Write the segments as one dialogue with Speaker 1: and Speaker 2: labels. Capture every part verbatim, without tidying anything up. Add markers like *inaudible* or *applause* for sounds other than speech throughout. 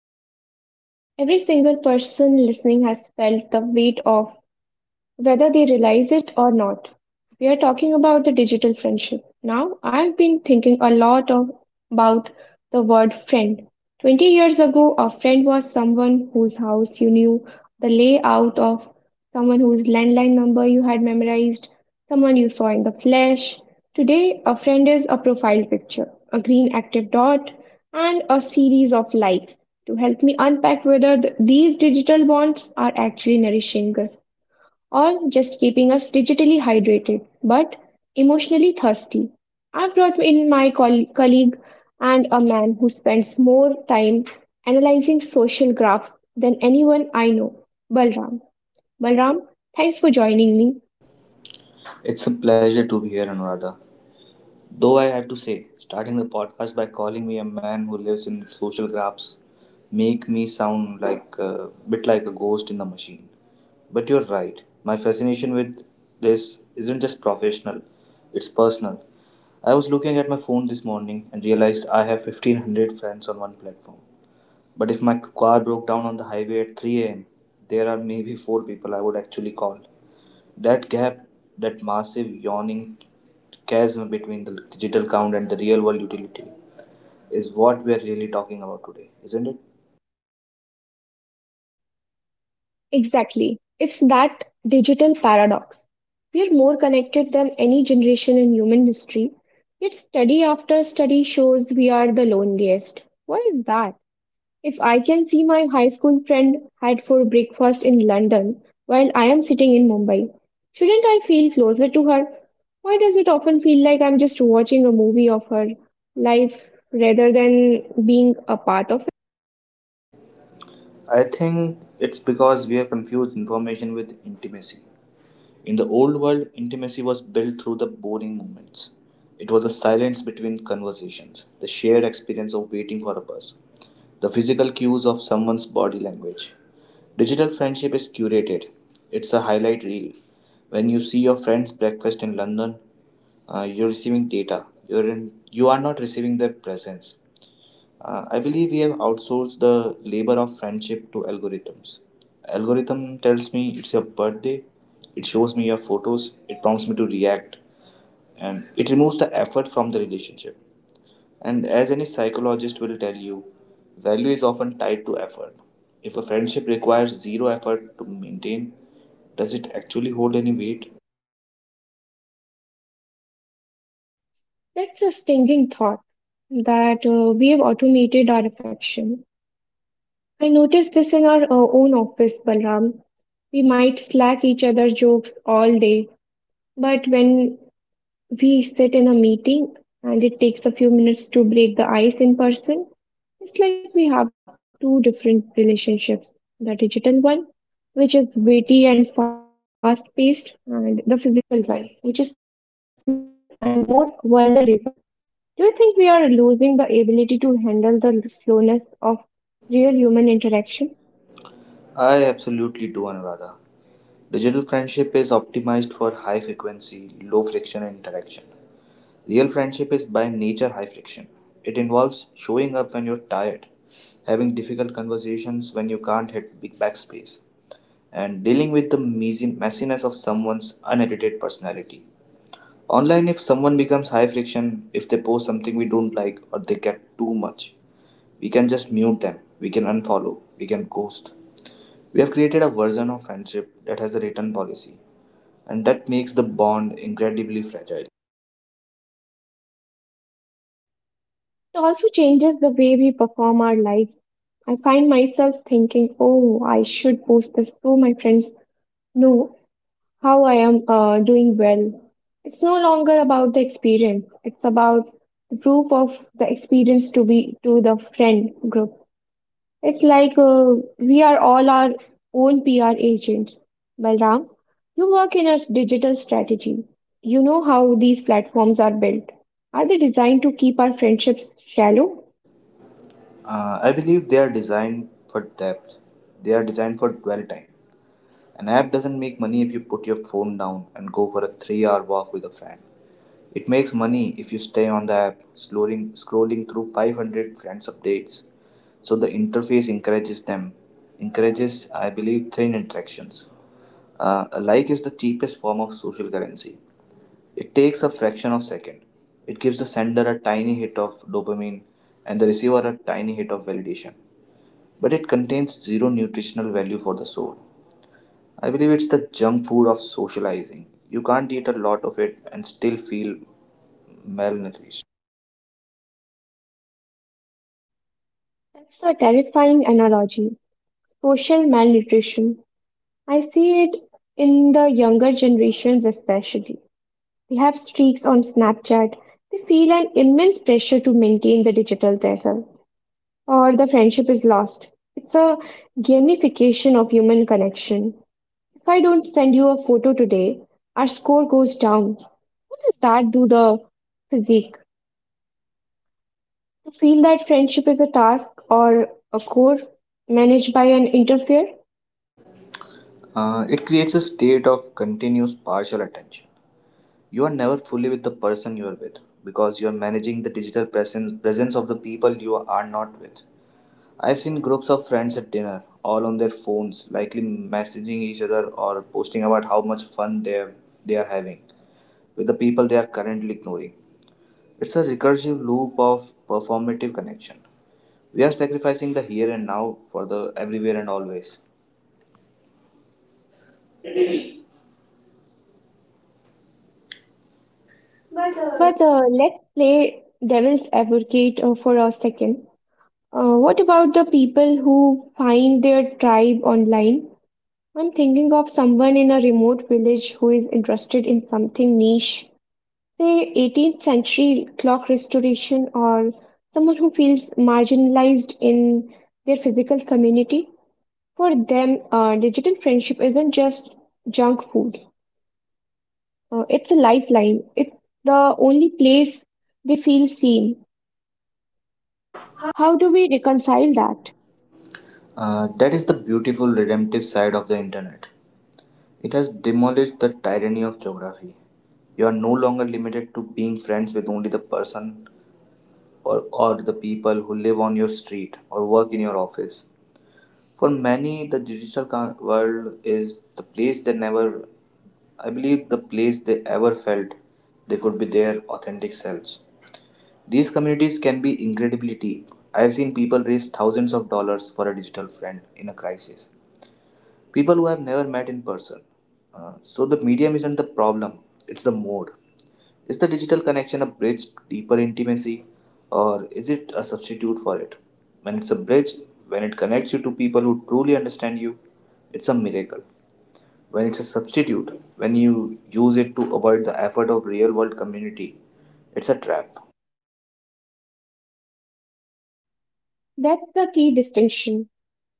Speaker 1: can think every single person listening has felt the weight of, whether they realize it or not. We are talking about the digital friendship. Now, I've been thinking a lot of, about the word friend. twenty years ago, a friend was someone whose house you knew, the layout of, someone whose landline number you had memorized, someone you saw in the flesh. Today, a friend is a profile picture, a green active dot, and a series of likes. To help me unpack whether th- these digital bonds are actually nourishing us or just keeping us digitally hydrated but emotionally thirsty. I brought in my coll- colleague and a man who spends more time analyzing social graphs than anyone I know, Balram. Balram, thanks for joining me.
Speaker 2: It's a pleasure to be here, Anuradha. Though I have to say, starting the podcast by calling me a man who lives in social graphs make me sound like a bit like a ghost in the machine. But you're right. My fascination with this isn't just professional; it's personal. I was looking at my phone this morning and realized I have fifteen hundred friends on one platform. But if my car broke down on the highway at three a m, there are maybe four people I would actually call. That gap, that massive yawning chasm between the digital count and the real world utility, is what we are really talking about today, isn't it?
Speaker 1: Exactly. It's that digital paradox. We're more connected than any generation in human history, yet study after study shows we are the loneliest. What is that? If I can see my high school friend had for breakfast in London while I am sitting in Mumbai, shouldn't I feel closer to her? Why does it often feel like I'm just watching a movie of her life rather than being a part of it?
Speaker 2: I think it's because we have confused information with intimacy. In the old world, intimacy was built through the boring moments. It was the silence between conversations, the shared experience of waiting for a bus, the physical cues of someone's body language. Digital friendship is curated, it's a highlight reel. When you see your friend's breakfast in London, uh, you're receiving data, you're in, you are not receiving their presence. Uh, I believe we have outsourced the labor of friendship to algorithms. Algorithm tells me it's your birthday, it shows me your photos, it prompts me to react, and it removes the effort from the relationship. And as any psychologist will tell you, value is often tied to effort. If a friendship requires zero effort to maintain, does it actually hold any weight?
Speaker 1: That's a stinging thought that uh, we have automated our affection. I noticed this in our uh, own office, Balram. We might slack each other jokes all day, but when we sit in a meeting and it takes a few minutes to break the ice in person. It's like we have two different relationships, the digital one, which is witty and fast paced, and the physical one, which is slower and more vulnerable. Do you think we are losing the ability to handle the slowness of real human interaction?
Speaker 2: I absolutely do, Anuradha. Digital friendship is optimized for high frequency, low friction interaction. Real friendship is by nature high friction. It involves showing up when you're tired, having difficult conversations when you can't hit big backspace, and dealing with the measin- messiness of someone's unedited personality. Online, if someone becomes high friction, if they post something we don't like or they get too much, we can just mute them, we can unfollow, we can ghost. We have created a version of friendship that has a written policy, and that makes the bond incredibly fragile.
Speaker 1: It also changes the way we perform our lives. I find myself thinking, oh, I should post this to my friends. No, how I am uh, doing well. It's no longer about the experience. It's about the proof of the experience to be to the friend group. It's like uh, we are all our own P R agents. Balram, you work in a s- digital strategy. You know how these platforms are built. Are they designed to keep our friendships shallow?
Speaker 2: Uh, I believe they are designed for depth, they are designed for dwell time. An app doesn't make money if you put your phone down and go for a three hour walk with a friend. It makes money if you stay on the app, scrolling, scrolling through five hundred friends' updates. So the interface encourages them, encourages, I believe, thin interactions. Uh, a like is the cheapest form of social currency. It takes a fraction of a second. It gives the sender a tiny hit of dopamine and the receiver a tiny hit of validation. But it contains zero nutritional value for the soul. I believe it's the junk food of socializing. You can't eat a lot of it and still feel malnourished.
Speaker 1: That's a terrifying analogy. Social malnutrition. I see it in the younger generations, especially. They have streaks on Snapchat. They feel an immense pressure to maintain the digital title, or the friendship is lost. It's a gamification of human connection. If I don't send you a photo today, our score goes down. What does that do the physique? To feel that friendship is a task or a core managed by an interfere?
Speaker 2: Uh, it creates a state of continuous partial attention. You are never fully with the person you are with because you are managing the digital presence, presence of the people you are not with. I've seen groups of friends at dinner, all on their phones, likely messaging each other or posting about how much fun they are, they are having with the people they are currently ignoring. It's a recursive loop of performative connection. We are sacrificing the here and now for the everywhere and always. But, uh,
Speaker 1: But uh, let's play devil's advocate uh, for a second. Uh, what about the people who find their tribe online? I'm thinking of someone in a remote village who is interested in something niche, say eighteenth century clock restoration, or someone who feels marginalized in their physical community. For them, uh, digital friendship isn't just junk food, uh, it's a lifeline, it's the only place they feel seen. How do we reconcile that?
Speaker 2: Uh, that is the beautiful redemptive side of the internet. It has demolished the tyranny of geography. You are no longer limited to being friends with only the person or, or the people who live on your street or work in your office. For many, the digital co- world is the place they never, I believe, the place they ever felt they could be their authentic selves. These communities can be incredibly deep. I've seen people raise thousands of dollars for a digital friend in a crisis, people who have never met in person. Uh, so the medium isn't the problem, it's the mode. Is the digital connection a bridge deeper intimacy or is it a substitute for it? When it's a bridge, when it connects you to people who truly understand you, it's a miracle. When it's a substitute, when you use it to avoid the effort of real world community, it's a trap.
Speaker 1: That's the key distinction,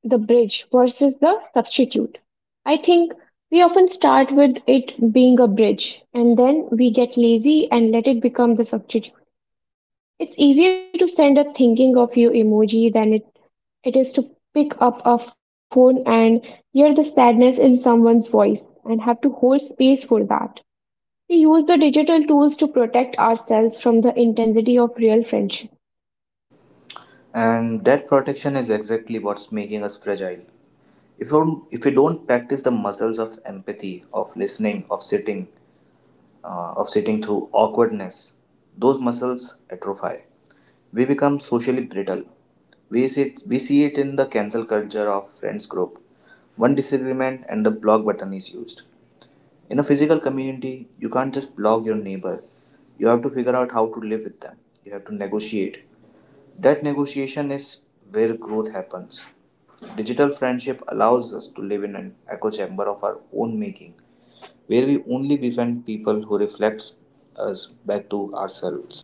Speaker 1: the bridge versus the substitute. I think we often start with it being a bridge and then we get lazy and let it become the substitute. It's easier to send a thinking of you emoji than it, it is to pick up a phone and hear the sadness in someone's voice and have to hold space for that. We use the digital tools to protect ourselves from the intensity of real friendship.
Speaker 2: And that protection is exactly what's making us fragile. If we, don't, if we don't practice the muscles of empathy, of listening, of sitting, uh, of sitting through awkwardness, those muscles atrophy. We become socially brittle. We see, it, we see it in the cancel culture of friends group. One disagreement and the block button is used. In a physical community, you can't just block your neighbor. You have to figure out how to live with them. You have to negotiate. That negotiation is where growth happens. Digital friendship allows us to live in an echo chamber of our own making, where we only befriend people who reflects us back to ourselves.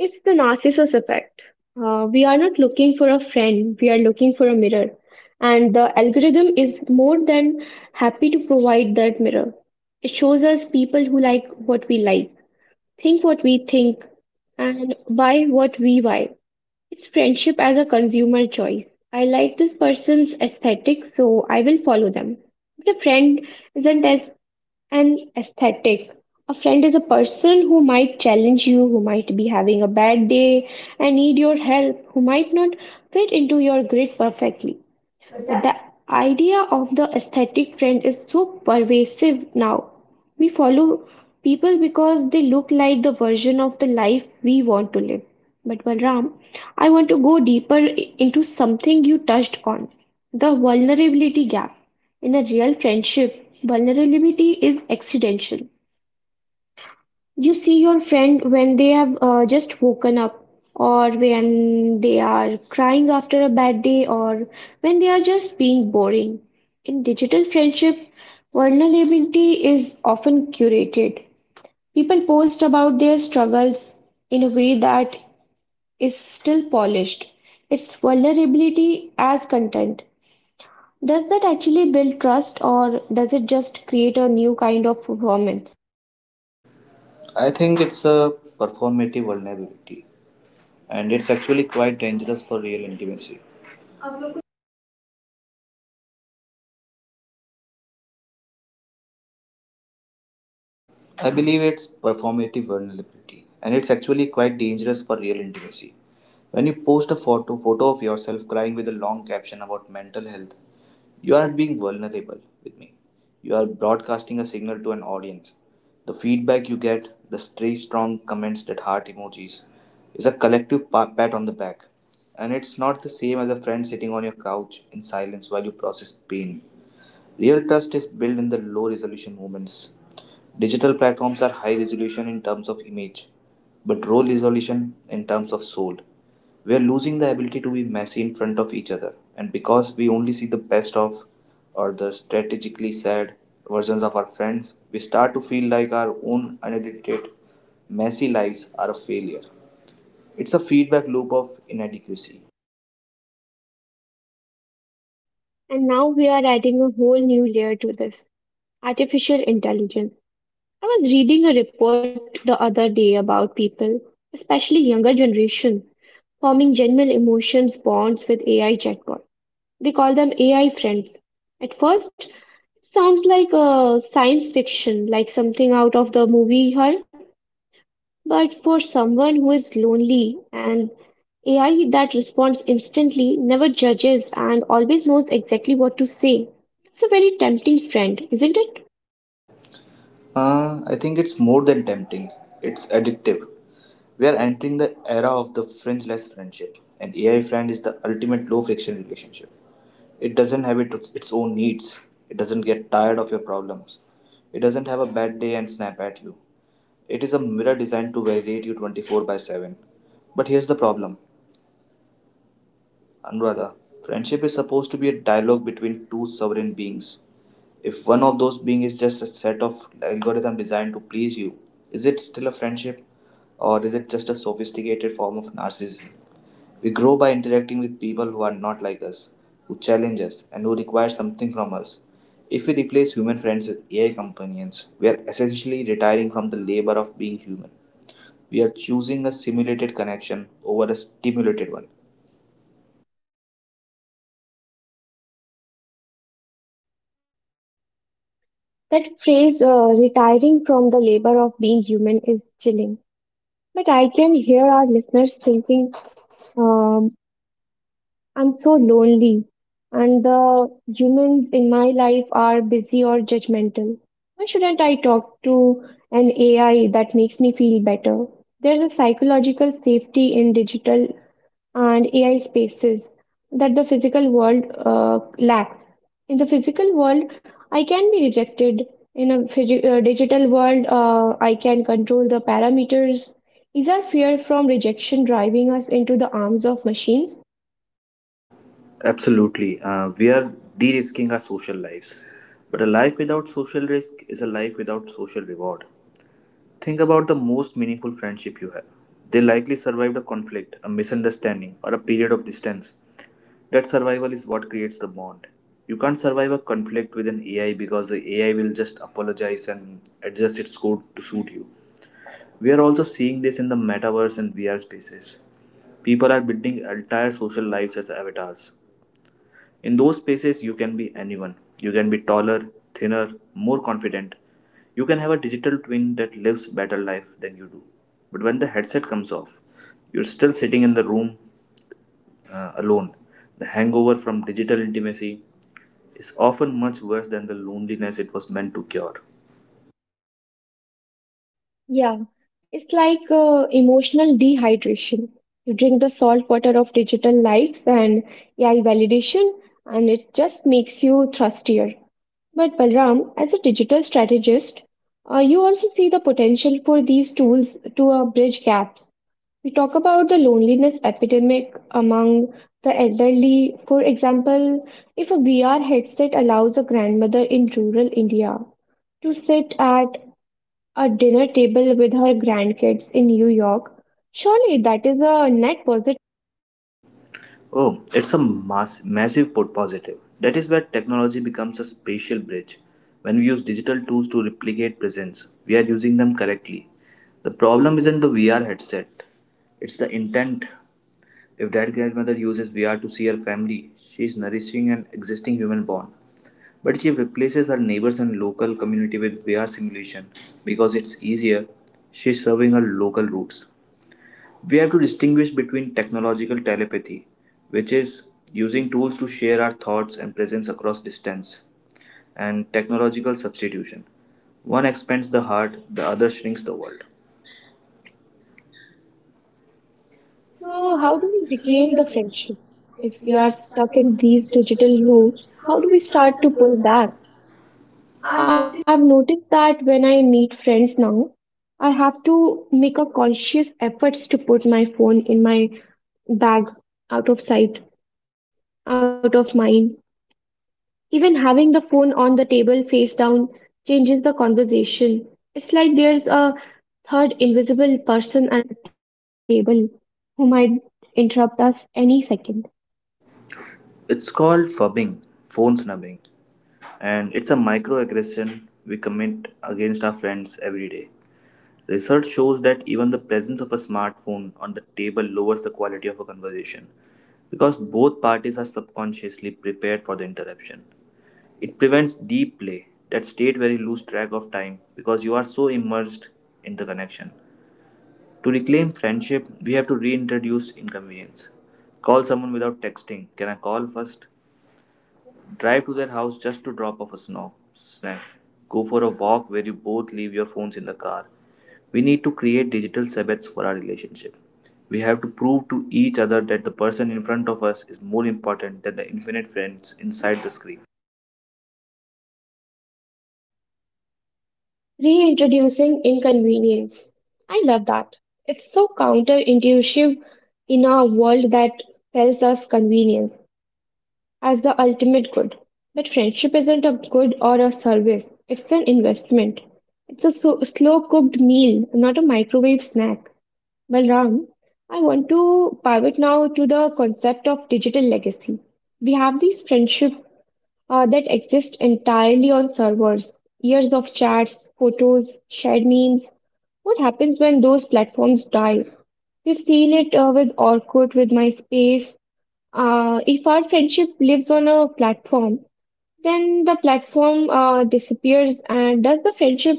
Speaker 1: It's the narcissist effect. Uh, we are not looking for a friend, we are looking for a mirror. And the algorithm is more than happy to provide that mirror. It shows us people who like what we like, think what we think, and buy what we buy. It's friendship as a consumer choice. I like this person's aesthetic, so I will follow them. But a friend isn't as and aesthetic. A friend is a person who might challenge you, who might be having a bad day and need your help, who might not fit into your grid perfectly. But the idea of the aesthetic trend is so pervasive now. We follow people because they look like the version of the life we want to live. But Balram, I want to go deeper i- into something you touched on, the vulnerability gap. In a real friendship, vulnerability is accidental. You see your friend when they have uh, just woken up, or when they are crying after a bad day, or when they are just being boring. In digital friendship, vulnerability is often curated. People post about their struggles in a way that is still polished. It's vulnerability as content. Does that actually build trust, or does it just create a new kind of performance?
Speaker 2: I think it's a performative vulnerability, and it's actually quite dangerous for real intimacy. I believe it's performative vulnerability, and it's actually quite dangerous for real intimacy. When you post a photo photo of yourself crying with a long caption about mental health, you aren't being vulnerable with me. You are broadcasting a signal to an audience. The feedback you get, the stray strong comments that heart emojis, is a collective pa- pat on the back. And it's not the same as a friend sitting on your couch in silence while you process pain. Real trust is built in the low resolution moments. Digital platforms are high resolution in terms of image, but low resolution in terms of soul. We are losing the ability to be messy in front of each other, and because we only see the best of or the strategically sad versions of our friends, we start to feel like our own unedited, messy lives are a failure. It's a feedback loop of inadequacy.
Speaker 1: And now we are adding a whole new layer to this. Artificial intelligence. I was reading a report the other day about people, especially younger generation, forming genuine emotions bonds with A I chatbot. They call them A I friends. At first, it sounds like a science fiction, like something out of the movie Her, but for someone who is lonely and A I that responds instantly, never judges and always knows exactly what to say. It's a very tempting friend, isn't it?
Speaker 2: Uh, I think it's more than tempting, it's addictive. We are entering the era of the friendless friendship, and A I friend is the ultimate low friction relationship. It doesn't have it, its own needs, it doesn't get tired of your problems, it doesn't have a bad day and snap at you. It is a mirror designed to validate you twenty-four by seven. But here's the problem, Anuradha. Friendship is supposed to be a dialogue between two sovereign beings. If one of those beings is just a set of algorithm designed to please you, is it still a friendship or is it just a sophisticated form of narcissism? We grow by interacting with people who are not like us, who challenge us, and who require something from us. If we replace human friends with A I companions, we are essentially retiring from the labor of being human. We are choosing a simulated connection over a stimulated one.
Speaker 1: That phrase, uh, retiring from the labor of being human, is chilling. But I can hear our listeners thinking, um, I'm so lonely, and the humans in my life are busy or judgmental. Why shouldn't I talk to an A I that makes me feel better? There's a psychological safety in digital and A I spaces that the physical world uh, lacks. In the physical world, I can be rejected. In a phygi- uh, digital world, uh, I can control the parameters. Is our fear from rejection driving us into the arms of machines?
Speaker 2: Absolutely. Uh, we are de risking our social lives. But a life without social risk is a life without social reward. Think about the most meaningful friendship you have. They likely survived a conflict, a misunderstanding, or a period of distance. That survival is what creates the bond. You can't survive a conflict with an A I because the A I will just apologize and adjust its code to suit you. We are also seeing this in the metaverse and V R spaces. People are building entire social lives as avatars. In those spaces, you can be anyone. You can be taller, thinner, more confident. You can have a digital twin that lives better life than you do. But when the headset comes off, you're still sitting in the room uh, alone. The hangover from digital intimacy is often much worse than the loneliness it was meant to cure.
Speaker 1: Yeah, it's like uh, emotional dehydration. You drink the salt water of digital likes and A I validation, and it just makes you thirstier. But Balram, as a digital strategist, uh, you also see the potential for these tools to uh, bridge gaps. We talk about the loneliness epidemic among the elderly. For example, if a V R headset allows a grandmother in rural India to sit at a dinner table with her grandkids in New York, surely that is a net positive.
Speaker 2: Oh, it's a mass, massive po- positive. That is where technology becomes a spatial bridge. When we use digital tools to replicate presence, we are using them correctly. The problem isn't the V R headset, it's the intent. If that grandmother uses V R to see her family, she is nourishing an existing human bond. But she replaces her neighbors and local community with V R simulation because it's easier. She's serving her local roots. We have to distinguish between technological telepathy, which is using tools to share our thoughts and presence across distance, and technological substitution. One expands the heart, the other shrinks the world. So,
Speaker 1: So, how
Speaker 2: how
Speaker 1: do
Speaker 2: do
Speaker 1: we
Speaker 2: we claim
Speaker 1: reclaim the
Speaker 2: the friendship?
Speaker 1: friendship? If
Speaker 2: If we
Speaker 1: we are
Speaker 2: are stuck
Speaker 1: stuck in
Speaker 2: in these
Speaker 1: these
Speaker 2: digital
Speaker 1: digital loops,
Speaker 2: loops,
Speaker 1: how
Speaker 2: how do
Speaker 1: do
Speaker 2: we
Speaker 1: we
Speaker 2: start
Speaker 1: start
Speaker 2: to
Speaker 1: to
Speaker 2: build
Speaker 1: pull back?
Speaker 2: that? I've noticed.
Speaker 1: I've noticed that when I meet friends now, I have to make a conscious efforts to put my phone in my bag, out of sight, out of mind. Even having the phone on the table face down changes the conversation. It's like there's a third invisible person at the table who might interrupt us any second.
Speaker 2: It's called fubbing, phone snubbing, and it's a microaggression we commit against our friends every day. Research shows that even the presence of a smartphone on the table lowers the quality of a conversation because both parties are subconsciously prepared for the interruption. It prevents deep play, that state where you lose track of time because you are so immersed in the connection. To reclaim friendship, we have to reintroduce inconvenience. Call someone without texting. Can I call first? Drive to their house just to drop off a sno- snack. Go for a walk where you both leave your phones in the car. We need to create digital Sabbaths for our relationship. We have to prove to each other that the person in front of us is more important than the infinite friends inside the screen.
Speaker 1: Reintroducing inconvenience. I love that. It's so counterintuitive in a world that sells us convenience as the ultimate good. But friendship isn't a good or a service, it's an investment. It's a so- slow cooked meal, not a microwave snack. Well, Ram, I want to pivot now to the concept of digital legacy. We have these friendship uh, that exist entirely on servers. Years of chats, photos, shared memes. What happens when those platforms die? We've seen it uh, with Orkut, with MySpace. Uh, if our friendship lives on a platform, then the platform uh, disappears. And does the friendship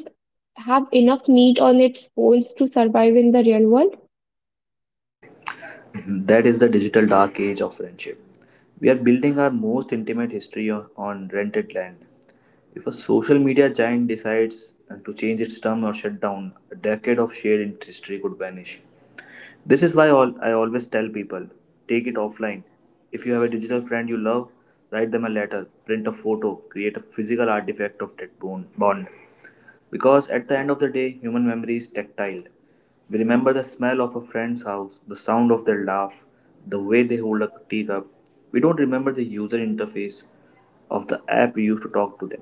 Speaker 1: have enough meat on its bones to survive in the real world?
Speaker 2: *laughs* Mhm. That is the digital dark age of friendship. We are building our most intimate history on, on rented land. If a social media giant decides to change its term or shut down, a decade of shared history could vanish. This is why all I always tell people take it offline. If you have a digital friend you love, write them a letter, print a photo, create a physical artifact of that bone- bond. Because at the end of the day, human memory is tactile. We remember the smell of a friend's house, the sound of their laugh, the way they hold a teacup. We don't remember the user interface of the app we used to talk to them.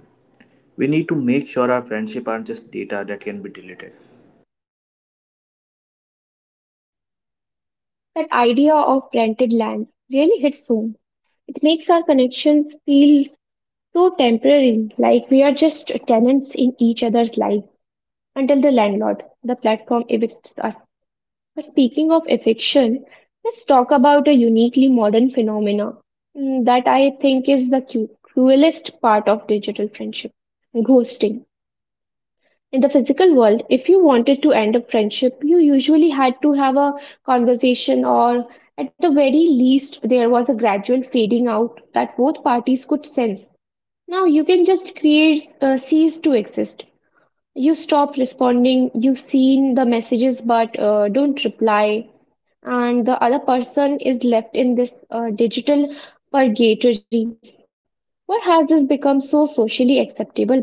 Speaker 2: We need to make sure our friendship aren't just data that can be deleted.
Speaker 1: That idea of rented land really hits home. It makes our connections feel so temporary, like we are just tenants in each other's lives until the landlord, the platform evicts us. But speaking of eviction, let's talk about a uniquely modern phenomena, mm, that I think is the cu- cruelest part of digital friendship, ghosting. In the physical world, if you wanted to end a friendship, you usually had to have a conversation, or at the very least, there was a gradual fading out that both parties could sense. Now you can just create uh, cease to exist. You stop responding, you've seen the messages but uh, don't reply, and the other person is left in this uh, digital purgatory. What has this become so socially acceptable, Balram?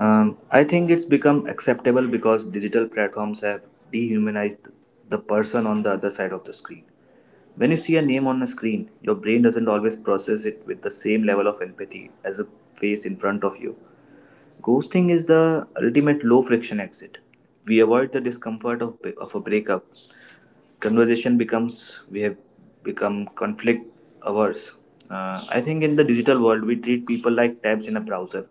Speaker 2: Um, I think it's become acceptable because digital platforms have dehumanized the person on the other side of the screen. When you see a name on a screen, your brain doesn't always process it with the same level of empathy as a face in front of you. Ghosting is the ultimate low friction exit. We avoid the discomfort of, of a breakup. Conversation becomes, we have become conflict averse. Uh, I think in the digital world, we treat people like tabs in a browser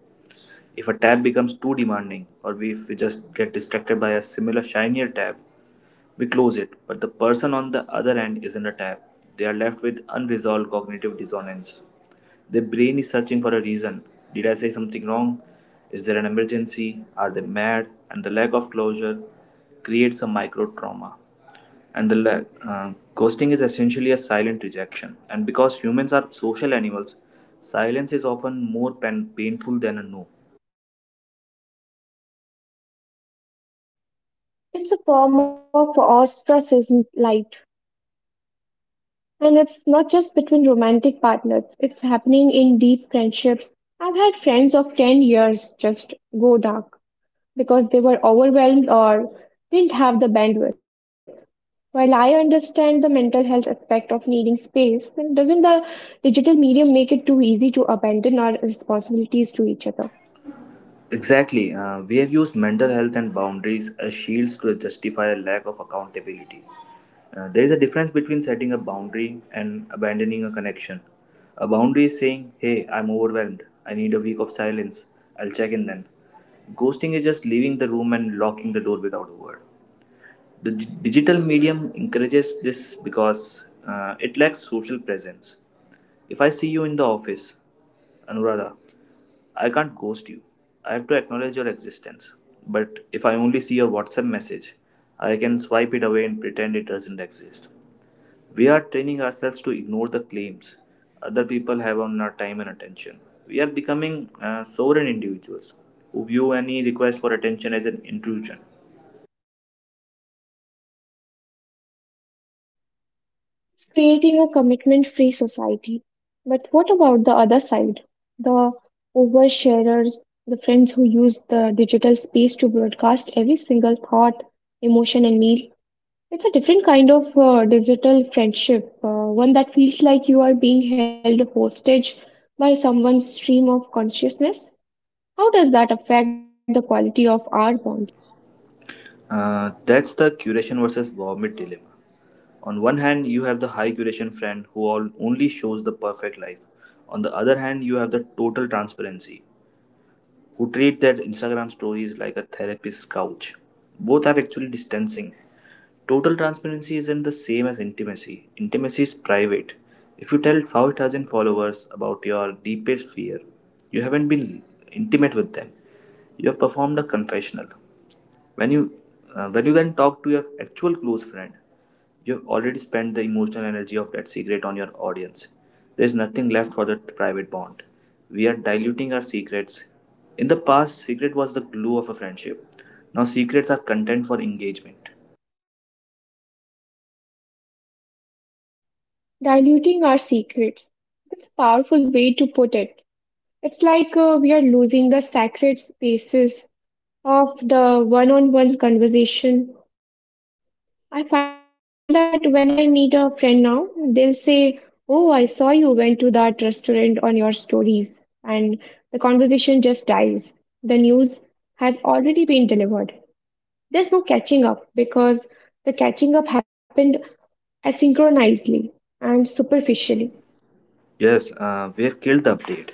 Speaker 2: if a tab becomes too demanding, or if we just get distracted by a similar shinier tab, we close it, but the person on the other end isn't a tab. They are left with unresolved cognitive dissonance. Their brain is searching for a reason. Did I say something wrong? Is there an emergency? Are they mad? And the lack of closure creates a micro trauma and the la- uh, Ghosting is essentially a silent rejection, and because humans are social animals, silence is often more pen- painful than a no.
Speaker 1: It's a form of ostracism light, and it's not just between romantic partners, it's happening in deep friendships. I've had friends of ten years just go dark, because they were overwhelmed or didn't have the bandwidth. While I understand the mental health aspect of needing space, then doesn't the digital medium make it too easy to abandon our responsibilities to each other?
Speaker 2: Exactly. Uh, we have used mental health and boundaries as shields to justify a lack of accountability. Uh, there is a difference between setting a boundary and abandoning a connection. A boundary is saying, hey, I'm overwhelmed. I need a week of silence. I'll check in then. Ghosting is just leaving the room and locking the door without a word. The d- digital medium encourages this because uh, it lacks social presence. If I see you in the office, Anuradha, I can't ghost you. I have to acknowledge your existence. But if I only see your WhatsApp message, I can swipe it away and pretend it doesn't exist. We are training ourselves to ignore the claims other people have on our time and attention. We are becoming uh, sovereign individuals who view any request for attention as an intrusion.
Speaker 1: It's creating a commitment free society. But what about the other side? The oversharers, the friends who use the digital space to broadcast every single thought, emotion, and meal. It's a different kind of uh, digital friendship, uh, one that feels like you are being held hostage by someone's stream of consciousness. How does that affect the quality of our bond?
Speaker 2: Uh, that's the curation versus vomit dilemma. On one hand, you have the high curation friend who all only shows the perfect life. On the other hand, you have the total transparency who treat their Instagram stories like a therapist's couch. Both are actually distancing. Total transparency isn't the same as intimacy. Intimacy is private. If you tell five thousand followers about your deepest fear, you haven't been intimate with them. You have performed a confessional. When you uh, when you then talk to your actual close friend, you've already spent the emotional energy of that secret on your audience. There's nothing left for that private bond. We are diluting our secrets. In the past, secret was the glue of a friendship. Now, secrets are content for engagement.
Speaker 1: Diluting our secrets. That's a powerful way to put it. It's like uh, we are losing the sacred spaces of the one on one conversation. I find that when I meet a friend now, they'll say, oh, I saw you went to that restaurant on your stories. And the conversation just dies. The news has already been delivered. There's no catching up because the catching up happened asynchronously and superficially.
Speaker 2: Yes, uh, we have killed the update.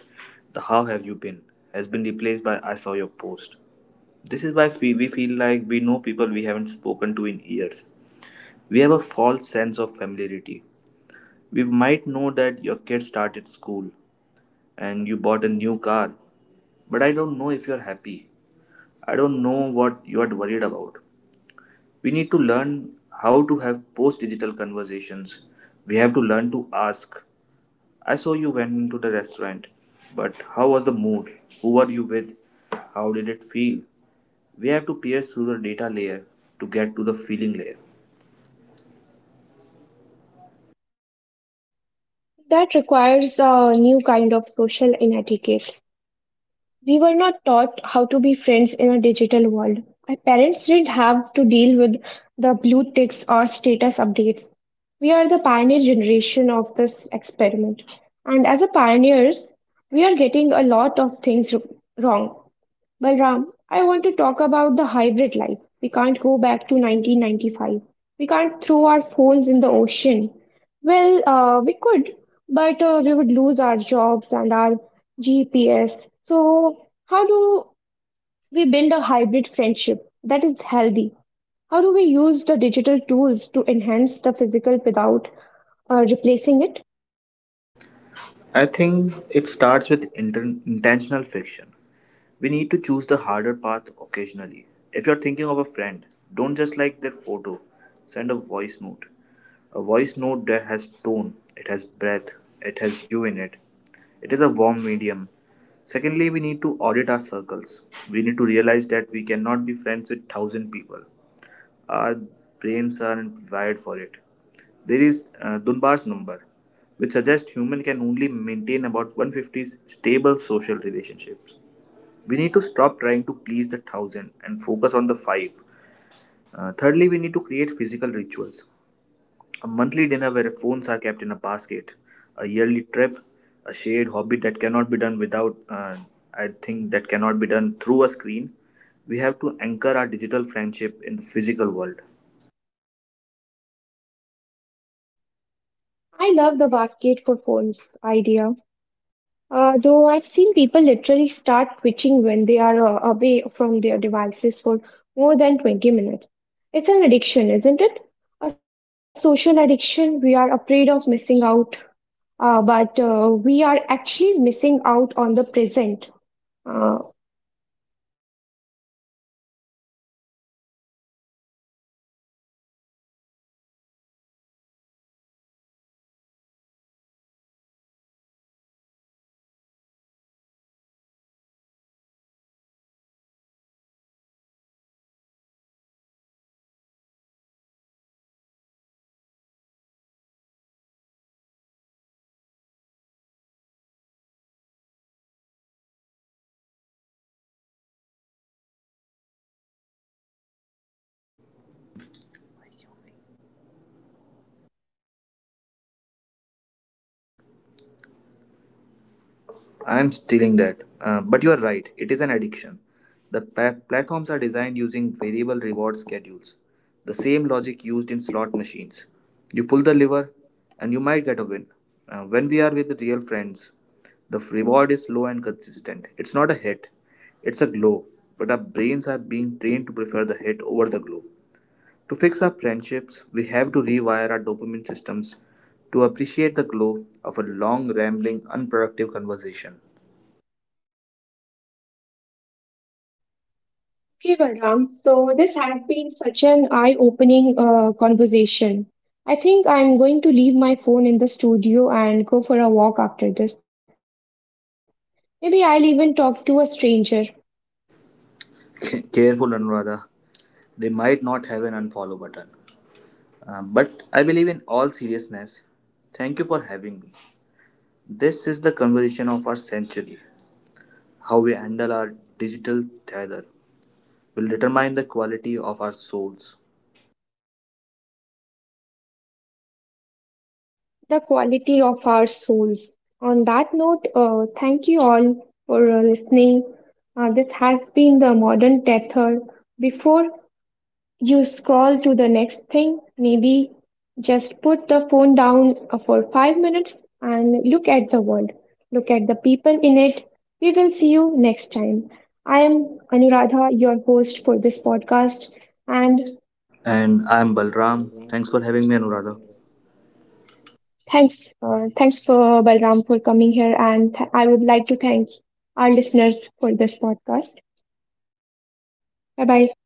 Speaker 2: The how have you been has been replaced by I saw your post. This is why fe- we feel like we know people we haven't spoken to in years. We have a false sense of familiarity. We might know that your kid started school and you bought a new car, but I don't know if you are happy. I don't know what you are worried about. We need to learn how to have post digital conversations. We have to learn to ask. I saw you went into the restaurant, but how was the mood? Who were you with? How did it feel? We have to pierce through the data layer to get to the feeling layer.
Speaker 1: That requires a new kind of social etiquette. We were not taught how to be friends in a digital world. My parents didn't have to deal with the blue ticks or status updates. We are the pioneer generation of this experiment. And as a pioneers, we are getting a lot of things r- wrong. Balram, I want to talk about the hybrid life. We can't go back to nineteen ninety-five. We can't throw our phones in the ocean. Well, uh, we could, but uh, we would lose our jobs and our G P S. So, how do we build a hybrid friendship that is healthy? How do we use the digital tools to enhance the physical without uh, replacing it?
Speaker 2: I think it starts with inter- intentional friction. We need to choose the harder path occasionally. If you're thinking of a friend, don't just like their photo, send a voice note. A voice note that has tone, it has breath, it has you in it. It is a warm medium. Secondly, we need to audit our circles. We need to realize that we cannot be friends with thousand people. Our brains aren't wired for it. There is uh, Dunbar's number, which suggests human can only maintain about one hundred fifty stable social relationships. We need to stop trying to please the thousand and focus on the five. Uh, thirdly, we need to create physical rituals. A monthly dinner where phones are kept in a basket. A yearly trip. A shared hobby that cannot be done without, uh, I think, that cannot be done through a screen. We have to anchor our digital friendship in the physical world.
Speaker 1: I love the basket for phones idea. Uh, though I've seen people literally start twitching when they are uh, away from their devices for more than twenty minutes. It's an addiction, isn't it? A social addiction. We are afraid of missing out, uh, but uh, we are actually missing out on the present. Uh,
Speaker 2: I'm stealing that. Uh, but you are right, it is an addiction. The pa- platforms are designed using variable reward schedules, the same logic used in slot machines. You pull the lever, and you might get a win. Uh, when we are with real friends, the f- reward is low and consistent. It's not a hit, it's a glow. But our brains are being trained to prefer the hit over the glow. To fix our friendships, we have to rewire our dopamine systems to appreciate the glow of a long, rambling, unproductive conversation.
Speaker 1: okay, Balram. So this has been such an eye-opening uh, conversation. I think I'm going to leave my phone in the studio and go for a walk after this. Maybe I'll even talk to a stranger.
Speaker 2: *laughs* Careful, Anuradha. They might not have an unfollow button. Uh, but I believe in all seriousness, thank you for having me. This is the conversation of our century. How we handle our digital tether will determine the quality of our souls.
Speaker 1: The quality of our souls. On that note, uh, thank you all for uh, listening. Uh, this has been the modern tether. Before you scroll to the next thing, maybe just put the phone down uh, for five minutes and look at the world. Look at the people in it. We will see you next time. I am Anuradha, your host for this podcast. And
Speaker 2: And I'm Balram. Thanks for having me, Anuradha.
Speaker 1: thanks, uh, thanks for Balram for coming here, and th- I would like to thank our listeners for this podcast. Bye bye.